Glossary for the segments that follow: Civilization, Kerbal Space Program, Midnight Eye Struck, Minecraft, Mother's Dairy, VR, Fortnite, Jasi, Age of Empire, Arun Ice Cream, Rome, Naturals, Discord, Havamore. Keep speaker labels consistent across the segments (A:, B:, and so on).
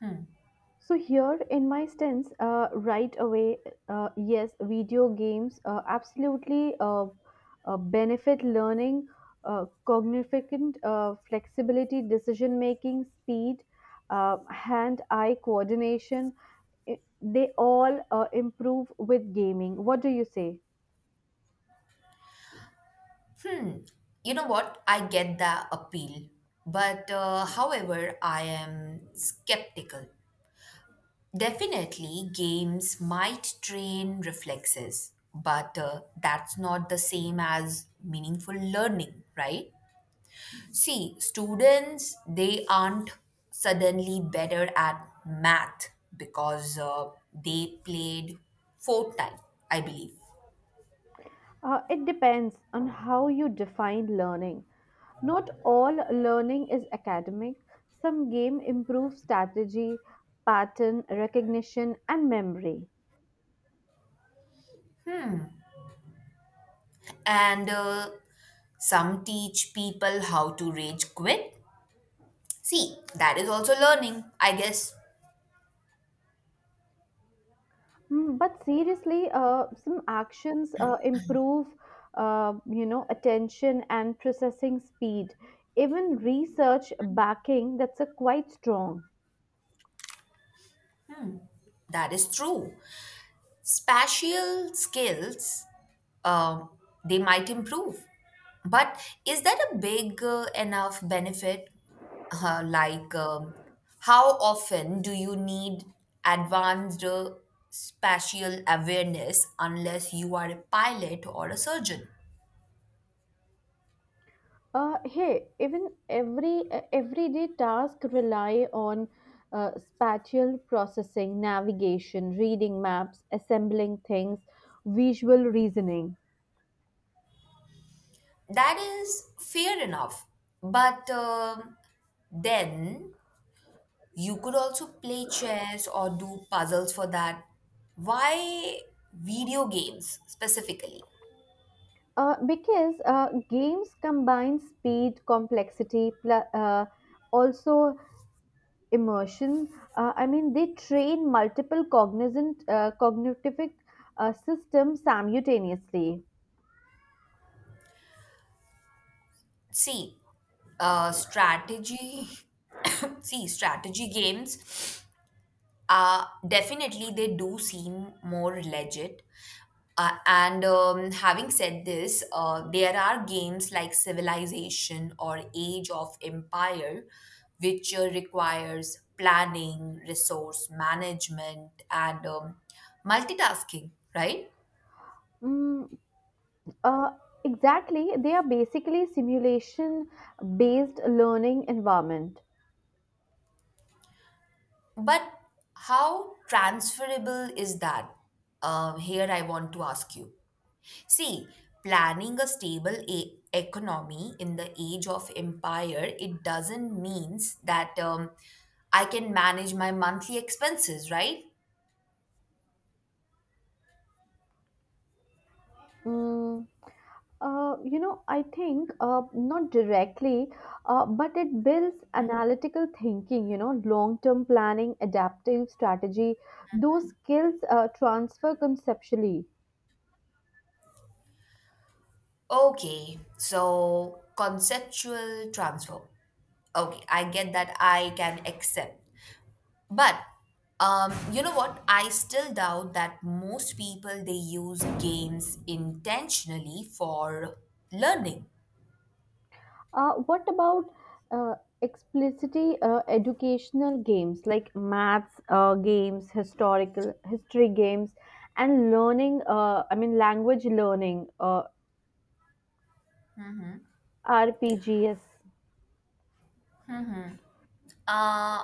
A: Hmm.
B: So here in my stance, right away, yes, video games absolutely benefit learning, cognificant flexibility, decision making, speed, hand-eye coordination. They all improve with gaming. What do you say?
A: Hmm. You know what? I get the appeal. But however, I am skeptical. Definitely, games might train reflexes, but that's not the same as meaningful learning, right? See, students, they aren't suddenly better at math because they played Fortnite, I believe.
B: It depends on how you define learning. Not all learning is academic. Some game improve strategy, pattern recognition, and memory.
A: And Some teach people how to rage quit. See, that is also learning, I guess.
B: Mm, but seriously, some actions improve, attention and processing speed. Even research backing that's a quite strong.
A: That is true. Spatial skills, um, they might improve. But is that a big enough benefit? Uh, like, um, how often do you need advanced spatial awareness unless you are a pilot or a surgeon?
B: Hey, even everyday task rely on spatial processing, navigation, reading maps, assembling things, visual reasoning.
A: That is fair enough. But Then you could also play chess or do puzzles for that. Why video games specifically?
B: Because games combine speed, complexity, also immersion. I mean, they train multiple cognizant cognitive systems simultaneously.
A: See, strategy. See, strategy games, definitely, they do seem more legit. And Having said this, there are games like Civilization or Age of Empire, which requires planning, resource management, and multitasking, right?
B: Mm, Uh, exactly. They are basically simulation based learning environment.
A: But how transferable is that? Here, I want to ask you. See, planning a stable economy in the age of empire, it doesn't means that I can manage my monthly expenses, right?
B: Mm, you know, I think not directly, but it builds analytical thinking, you know, long term planning, adaptive strategy. Those skills transfer conceptually.
A: Okay, so conceptual transfer. Okay, I get that, I can accept. But you know what? I still doubt that most people they use games intentionally for learning.
B: What about uh, explicitly educational games like maths games, historical history games, and learning? I mean, language learning, RPGs.
A: Uh,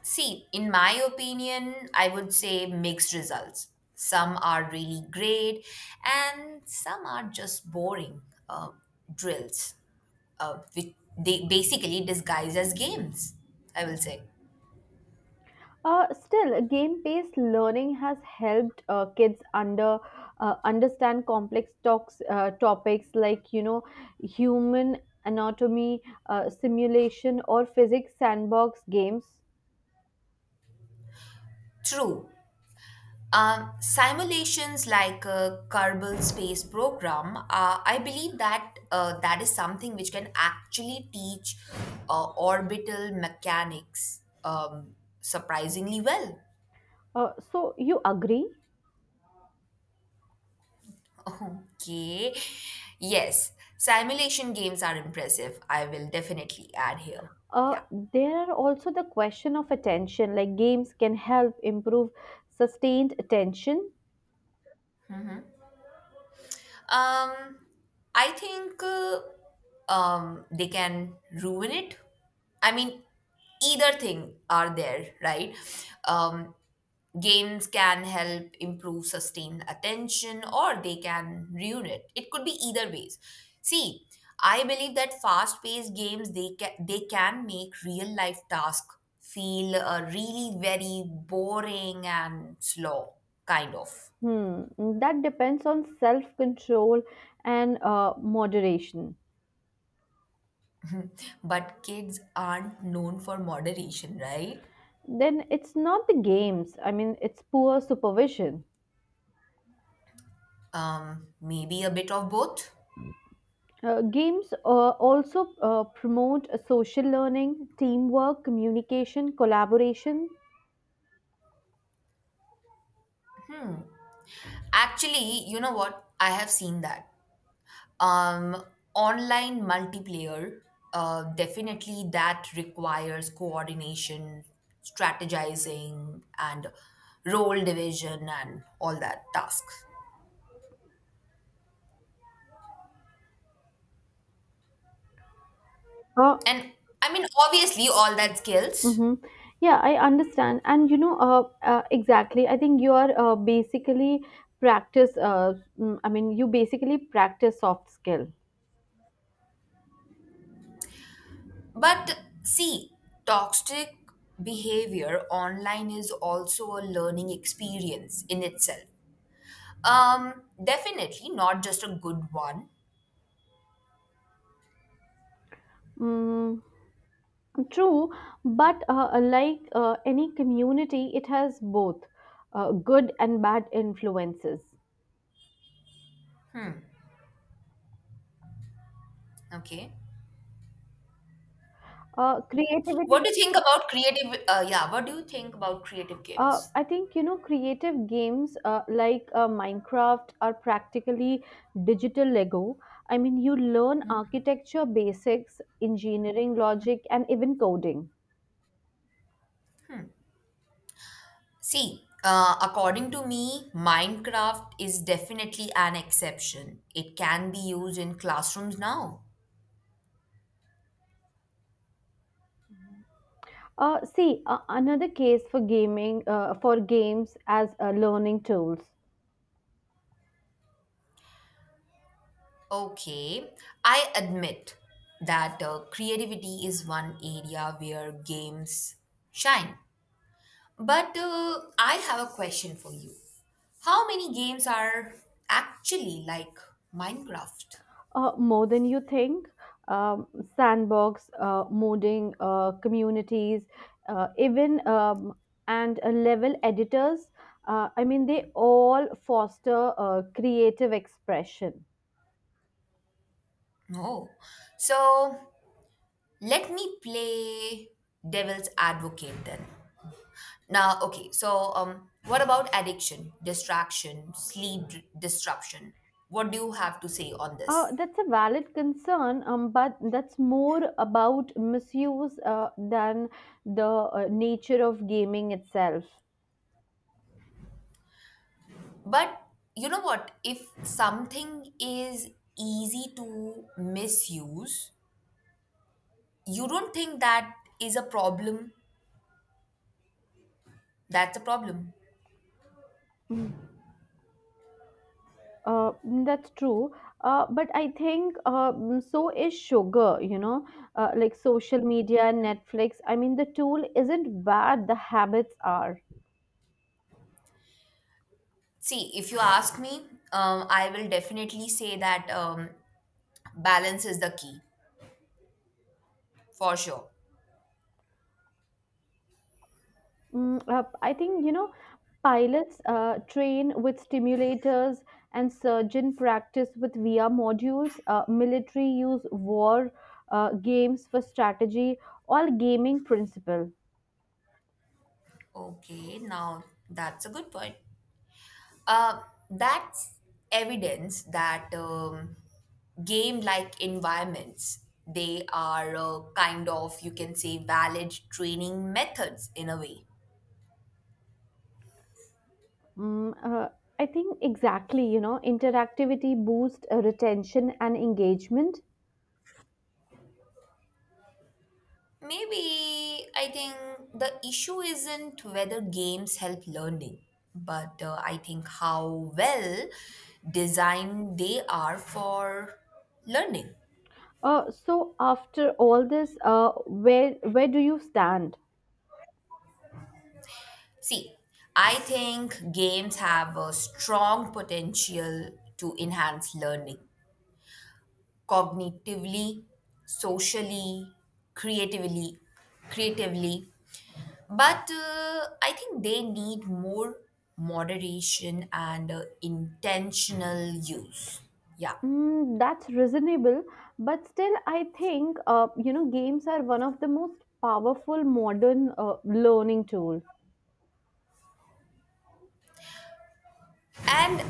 A: See, in my opinion, I would say mixed results. Some are really great, and some are just boring uh, drills, which they basically disguise as games, I will say.
B: Still, game-based learning has helped kids understand complex talks, topics like you know human anatomy, simulation, or physics sandbox games.
A: True. Simulations like a Kerbal Space Program, I believe that that is something which can actually teach orbital mechanics, surprisingly well.
B: So you agree?
A: Okay. Yes, simulation games are impressive. I will definitely add here. Yeah.
B: Uh, there are also the question of attention, like games can help improve sustained attention.
A: Um, I think they can ruin it. I mean, either thing are there, right? Um, Games can help improve sustained attention or they can ruin it. It could be either ways. See, I believe that fast-paced games they can make real-life tasks feel really very boring and slow, kind of.
B: Hmm, that depends on self control and moderation.
A: But kids aren't known for moderation, right?
B: Then it's not the games, I mean, it's poor supervision.
A: Maybe a bit of both.
B: Games also promote social learning, teamwork, communication, collaboration.
A: Actually, you know what? I have seen that. Um, Online multiplayer, definitely that requires coordination, strategizing, and role division and all that tasks.
B: Uh,
A: And I mean, obviously, all that skills.
B: Mm-hmm. Yeah, I understand. And you know, exactly. I think you are basically practice. I mean, you basically practice soft skill.
A: But see, toxic behavior online is also a learning experience in itself. Definitely not just a good one.
B: Mm, true, but like any community, it has both good and bad influences.
A: Hmm. Okay. What
B: Creativity.
A: do you think about creative? Yeah. What do you think about creative games?
B: I think you know creative games like Minecraft are practically digital Lego. I mean, you learn architecture basics, engineering logic, and even coding.
A: See, according to me, Minecraft is definitely an exception. It can be used in classrooms now.
B: Another case for gaming for games as learning tools.
A: Okay, I admit that creativity is one area where games shine. But I have a question for you. How many games are actually like Minecraft?
B: More than you think. Um, sandbox, modding communities, even and level editors. I mean, they all foster creative expression.
A: Oh, so let me play devil's advocate then. Now, okay, so what about addiction, distraction, disruption? What do you have to say on this?
B: That's a valid concern, but that's more about misuse than the nature of gaming itself.
A: But you know what? If something is easy to misuse, you don't think that is a problem. That's a problem.
B: Mm. Uh, that's true. But I think so is sugar, you know, like social media and Netflix. I mean, the tool isn't bad, the habits are.
A: See, if you ask me, I will definitely say that balance is the key for sure.
B: I think, you know, pilots train with stimulators and surgeon practice with VR modules. Military use war games for strategy, all gaming principle.
A: Okay, now that's a good point. Uh, that's evidence that game-like environments they are kind of you can say valid training methods in a way.
B: Mm, uh, I think exactly, you know, interactivity boosts retention and engagement.
A: Maybe I think the issue isn't whether games help learning, but I think how well designed they are for learning.
B: So after all this, where do you stand?
A: See, I think games have a strong potential to enhance learning cognitively, socially, creatively, creatively. But I think they need more moderation and intentional use. Yeah.
B: Mm, that's reasonable, but still, I think you know games are one of the most powerful modern learning tool.
A: And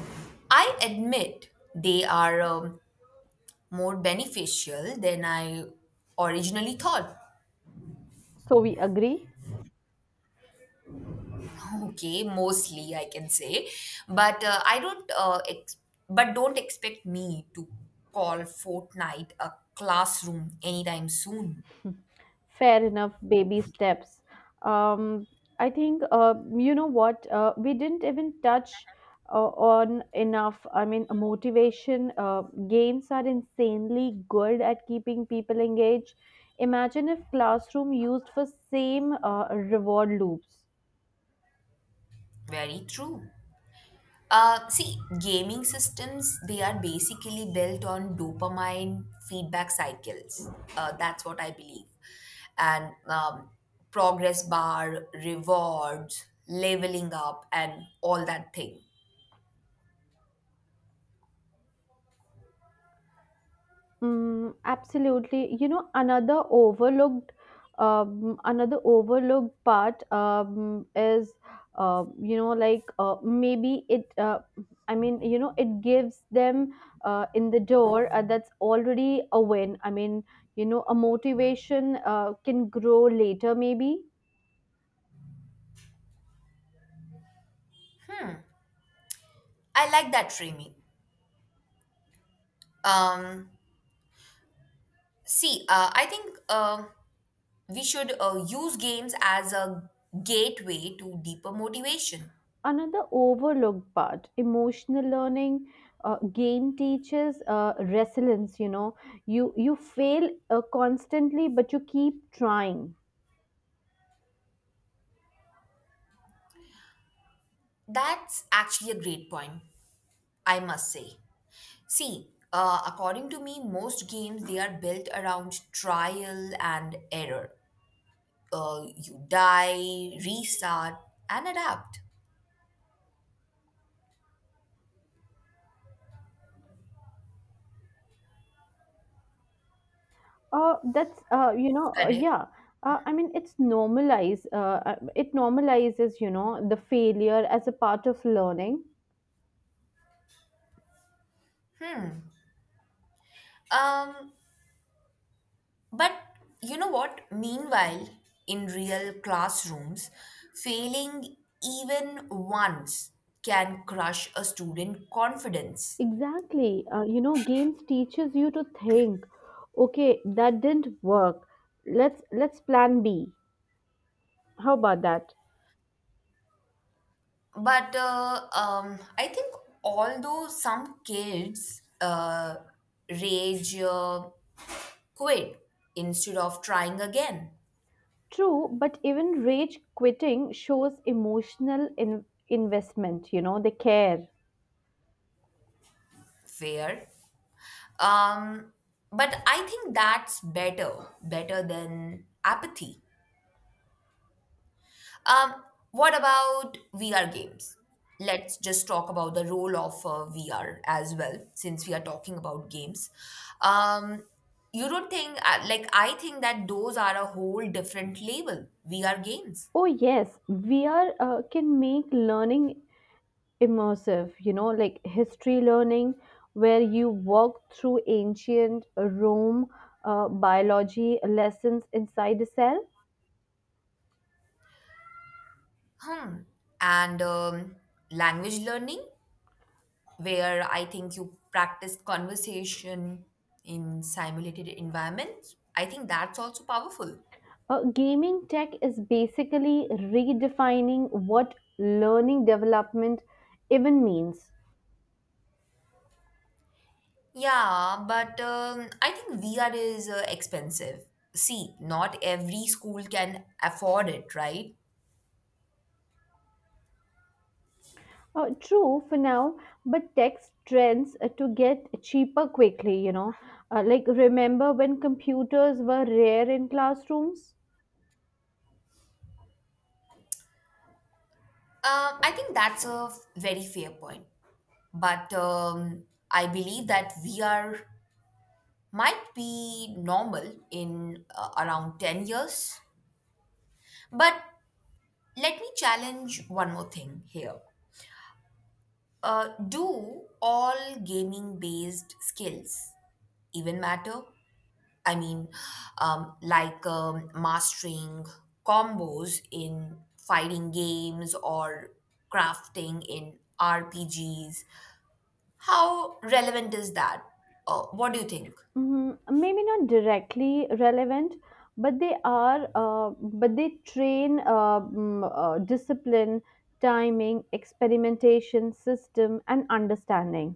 A: I admit they are more beneficial than I originally thought.
B: So we agree.
A: Okay, mostly I can say, but uh, I don't. Uh, ex- but don't expect me to call Fortnite a classroom anytime soon.
B: Fair enough, baby steps. Um, I think, you know what, we didn't even touch on enough. I mean, motivation. Games are insanely good at keeping people engaged. Imagine if classroom used for same reward loops.
A: Very true. See, gaming systems they are basically built on dopamine feedback cycles. That's what I believe, and progress bar, rewards, leveling up, and all that thing.
B: Mm, absolutely. You know, another overlooked part is, you know, like maybe it. I mean, you know, it gives them in the door. That's already a win. I mean, you know, a motivation can grow later, maybe.
A: I like that framing. Um, See, I think We should use games as a gateway to deeper motivation.
B: Another overlooked part, emotional learning. Game teaches resilience, you know, you fail constantly, but you keep trying.
A: That's actually a great point, I must say. See, according to me, most games they are built around trial and error. You die, restart, and adapt.
B: That's you know
A: Correct.
B: Yeah, I mean, it normalizes, you know, the failure as a part of learning.
A: Um, But you know what? Meanwhile, in real classrooms, failing even once can crush a student confidence.
B: Exactly, you know, games teaches you to think, okay, that didn't work, let's plan b, how about that.
A: But I think although some kids rage quit instead of trying again,
B: True, but even rage quitting shows emotional investment, you know, they care.
A: fair. Um, but I think that's better than apathy. Um, what about VR games? Let's just talk about the role of VR as well, since we are talking about games. Um, you don't think, I think that those are a whole different label, VR games.
B: Oh, yes, VR can make learning immersive, you know, like history learning, where you walk through ancient Rome, biology lessons inside a cell.
A: Hmm. And language learning, where I think you practice conversation in simulated environments. I think that's also powerful.
B: Gaming tech is basically redefining what learning development even means.
A: Yeah, but I think VR is expensive. See, not every school can afford it, right?
B: Oh, true for now, but text trends to get cheaper quickly, you know. Like, remember when computers were rare in classrooms?
A: I think that's a very fair point. But I believe that VR might be normal in around 10 years. But let me challenge one more thing here. Do all gaming based skills even matter? I mean, mastering combos in fighting games or crafting in RPGs. How relevant is that? What do you think?
B: Mhm. Maybe not directly relevant, but they are, uh, but they train discipline, timing, experimentation, system, and understanding.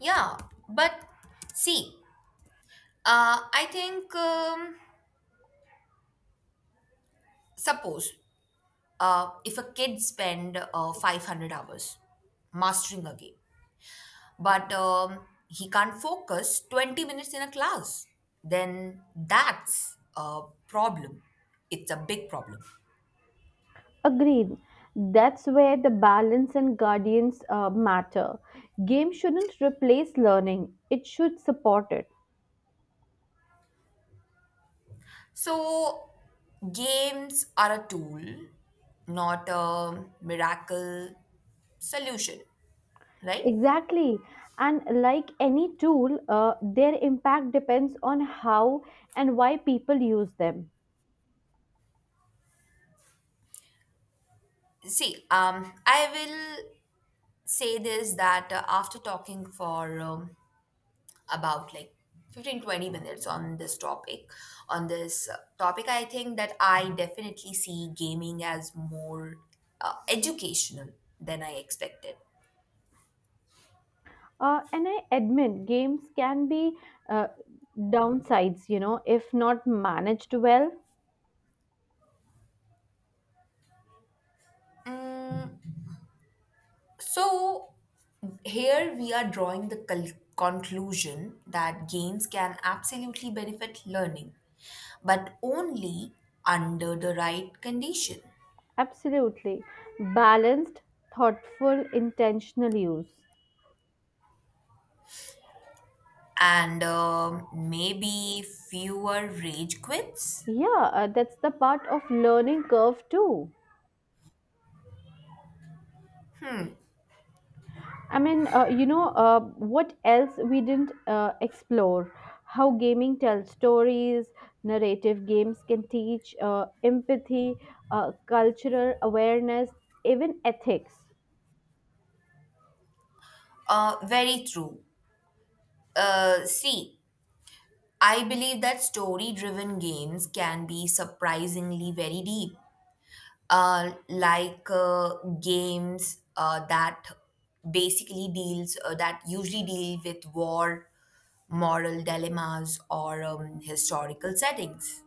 A: Yeah, but see, I think suppose if a kid spend 500 hours mastering a game, but he can't focus 20 minutes in a class, then that's a problem. It's a big problem.
B: Agreed. That's where the balance and guardians matter. Game shouldn't replace learning, it should support it.
A: So games are a tool, not a miracle solution, right?
B: Exactly. And like any tool, their impact depends on how and why people use them.
A: See, I will say this, that after talking for about like 15, 20 minutes on this topic, I think that I definitely see gaming as more educational than I expected.
B: And I admit games can be uh, downsides, you know, if not managed well.
A: So here we are, drawing the conclusion that games can absolutely benefit learning, but only under the right condition.
B: Absolutely. Balanced, thoughtful, intentional use.
A: And maybe fewer rage quits.
B: Yeah, that's the part of learning curve too. I mean, what else we didn't explore? How gaming tells stories, narrative games can teach empathy, cultural awareness, even ethics.
A: Very true. See, I believe that story driven games can be surprisingly very deep, uh, like uh, games that usually deal with war, moral dilemmas, or historical settings.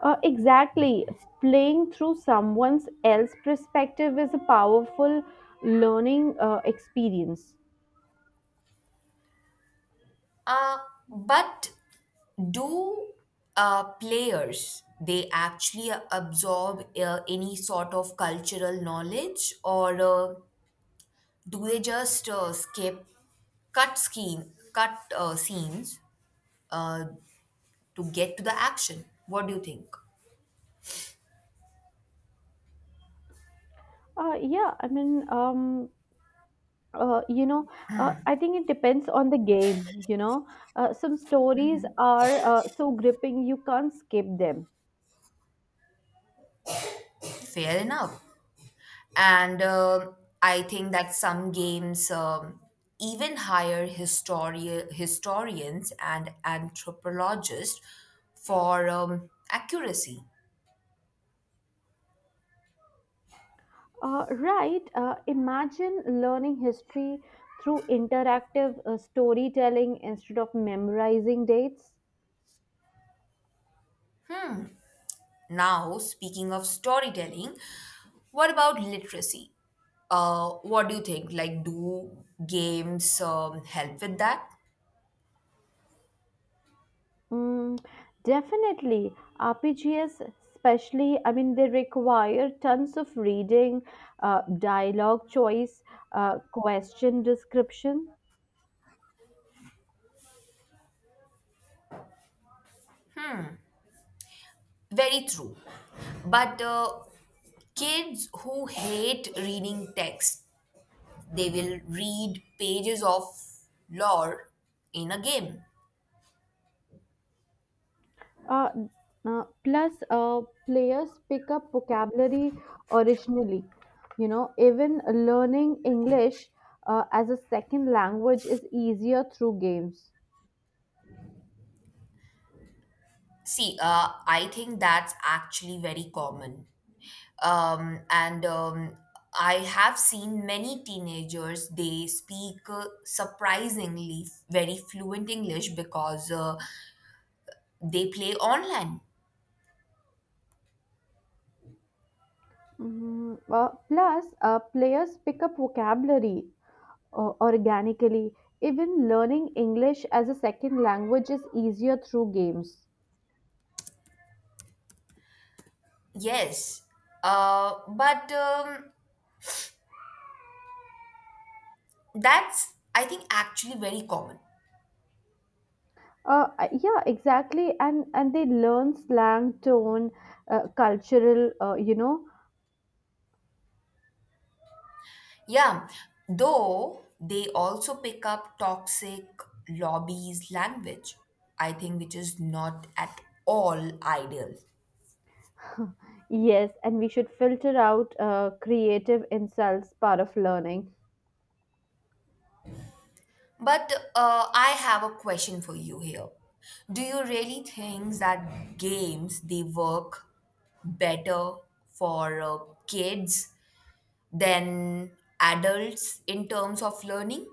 B: Exactly. Playing through someone else's perspective is a powerful learning experience.
A: Uh, but do players they actually absorb any sort of cultural knowledge, or do they just skip cut scenes uh, to get to the action? What do you think?
B: Yeah, I mean, uh, you know, I think it depends on the game. You know, some stories are so gripping you can't skip them.
A: Fair enough. And I think that some games, even hire historians and anthropologists for accuracy.
B: Right? Imagine learning history through interactive storytelling instead of memorizing dates.
A: Now, speaking of storytelling, what about literacy? What do you think, like, do games help with that?
B: Mm, definitely, RPGs, especially, I mean, they require tons of reading, dialogue choice, question description.
A: Very true. But kids who hate reading text, they will read pages of lore in a game.
B: Uh, Plus, players pick up vocabulary originally. You know, even learning English as a second language is easier through games.
A: See, I think that's actually very common. And I have seen many teenagers, they speak surprisingly very fluent English because they play online.
B: Hmm. Plus, players pick up vocabulary organically. Even learning English as a second language is easier through games.
A: Yes. But That's, I think, actually very common.
B: Yeah, exactly, and they learn slang, tone, cultural, you know.
A: Yeah, though they also pick up toxic lobbies language, I think, which is not at all ideal.
B: Yes, and we should filter out creative insults part of learning.
A: But I have a question for you here. Do you really think that games they work better for kids than adults in terms of learning?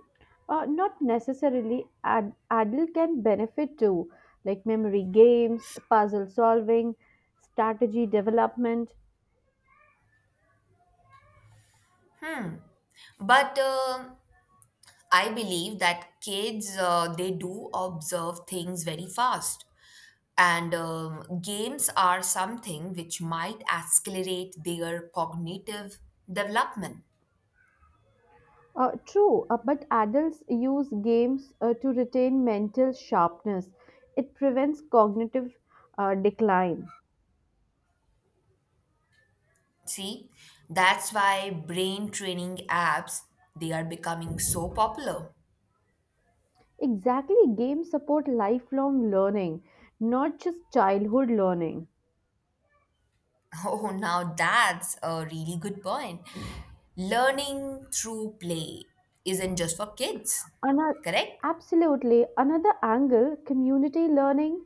B: Not necessarily, adult can benefit too, like memory games, puzzle solving, strategy development.
A: But I believe that kids they do observe things very fast, and games are something which might accelerate their cognitive development.
B: True, but adults use games to retain mental sharpness. It prevents cognitive decline.
A: See, that's why brain training apps they are becoming so popular.
B: Exactly, games support lifelong learning, not just childhood learning.
A: Oh, now that's a really good point. Learning through play isn't just for kids,
B: Another,
A: correct?
B: absolutely. Another angle, community learning,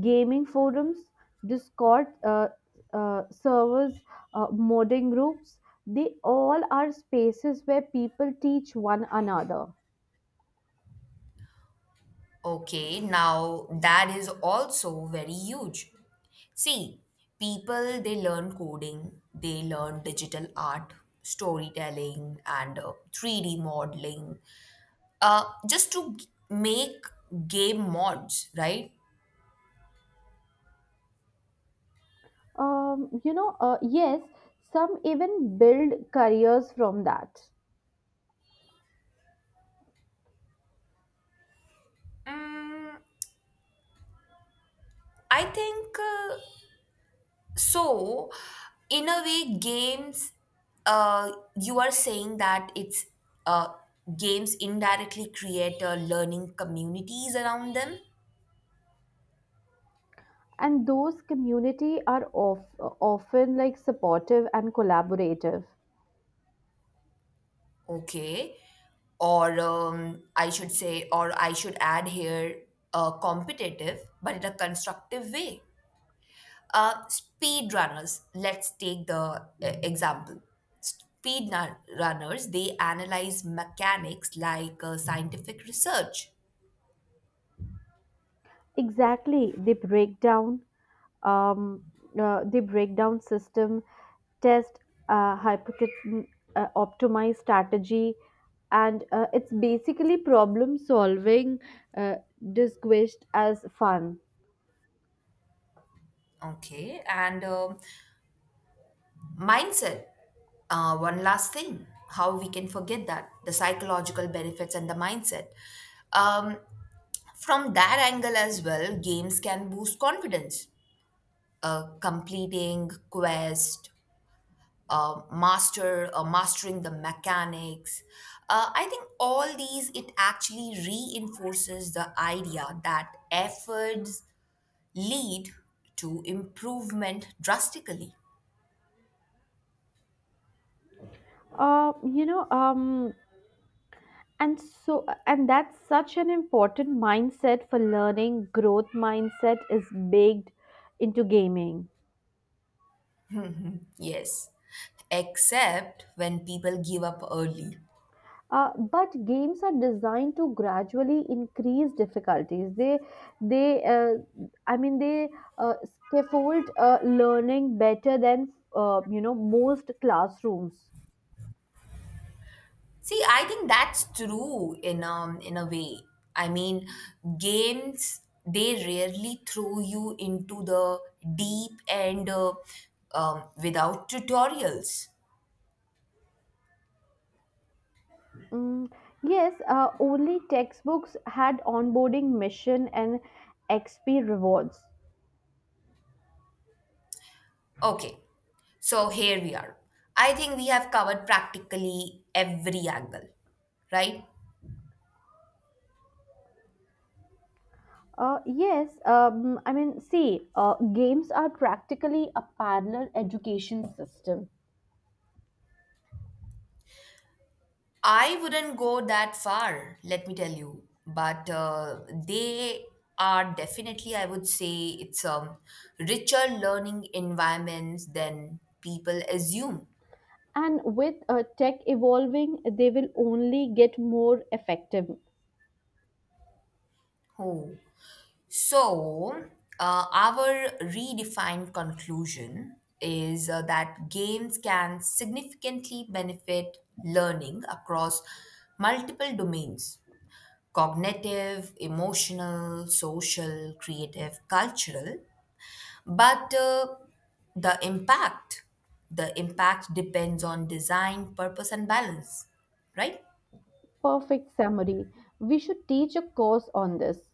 B: gaming forums, Discord servers, modding groups, they all are spaces where people teach one another.
A: Okay, now that is also very huge. See, people they learn coding, they learn digital art, storytelling, and 3D modeling uh, just to make game mods, right?
B: Yes, some even build careers from that.
A: Mm, I think so. In a way, games, uh, you are saying that it's, uh, games indirectly create learning communities around them.
B: And those community are often like supportive and collaborative.
A: Okay. Or I should add here competitive, but in a constructive way. Speed runners, let's take the example. Speed runners, they analyze mechanics like scientific research.
B: Exactly, they break down um, system test, uh, hypothet- optimize strategy, and it's basically problem solving uh, disguised as fun.
A: Okay. And mindset, one last thing, how we can forget that, the psychological benefits and the mindset. Um, From that angle as well, games can boost confidence. Completing quest, mastering the mechanics. I think all these it actually reinforces the idea that efforts lead to improvement drastically.
B: You know and so and That's such an important mindset for learning. Growth mindset is baked into gaming.
A: Yes, except when people give up early.
B: But games are designed to gradually increase difficulties. They, uh, I mean, they scaffold learning better than you know most classrooms.
A: See, I think that's true in a way. I mean, games they rarely throw you into the deep end without tutorials.
B: Mm, yes, only textbooks had onboarding mission and XP rewards.
A: Okay, so here we are. I think we have covered practically every angle, right?
B: Yes, I mean, see, games are practically a parallel education system.
A: I wouldn't go that far, let me tell you. But they are definitely, I would say, it's richer learning environments than people assume.
B: And with tech evolving, they will only get more effective.
A: Oh. So, our redefined conclusion is that games can significantly benefit learning across multiple domains: cognitive, emotional, social, creative, cultural. But the impact, the impact depends on design, purpose, and balance, right?
B: Perfect summary. We should teach a course on this.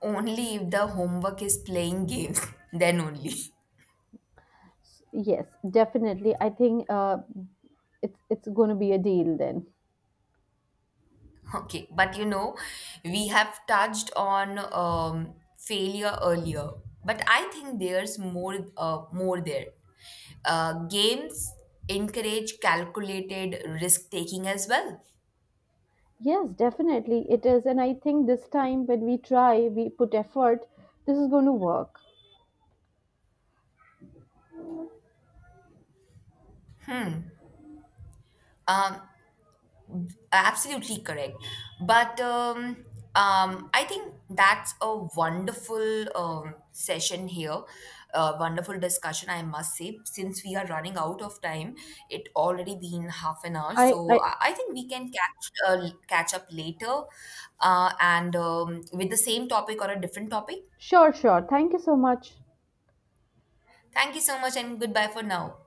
A: Only if the homework is playing games, then only.
B: Yes, definitely. I think it's going to be a deal then.
A: Okay, but you know, we have touched on failure earlier, but I think there's more there. Games encourage calculated risk taking as well.
B: Yes, definitely it is, and I think this time when we try, we put effort. This is going to work.
A: Um, Absolutely correct. But I think that's a wonderful session here, a wonderful discussion, I must say. Since we are running out of time, it already been half an hour. So
B: I
A: I, I think we can catch up later, and with the same topic or a different topic.
B: sure, sure. Thank you so much.
A: Thank you so much, and goodbye for now.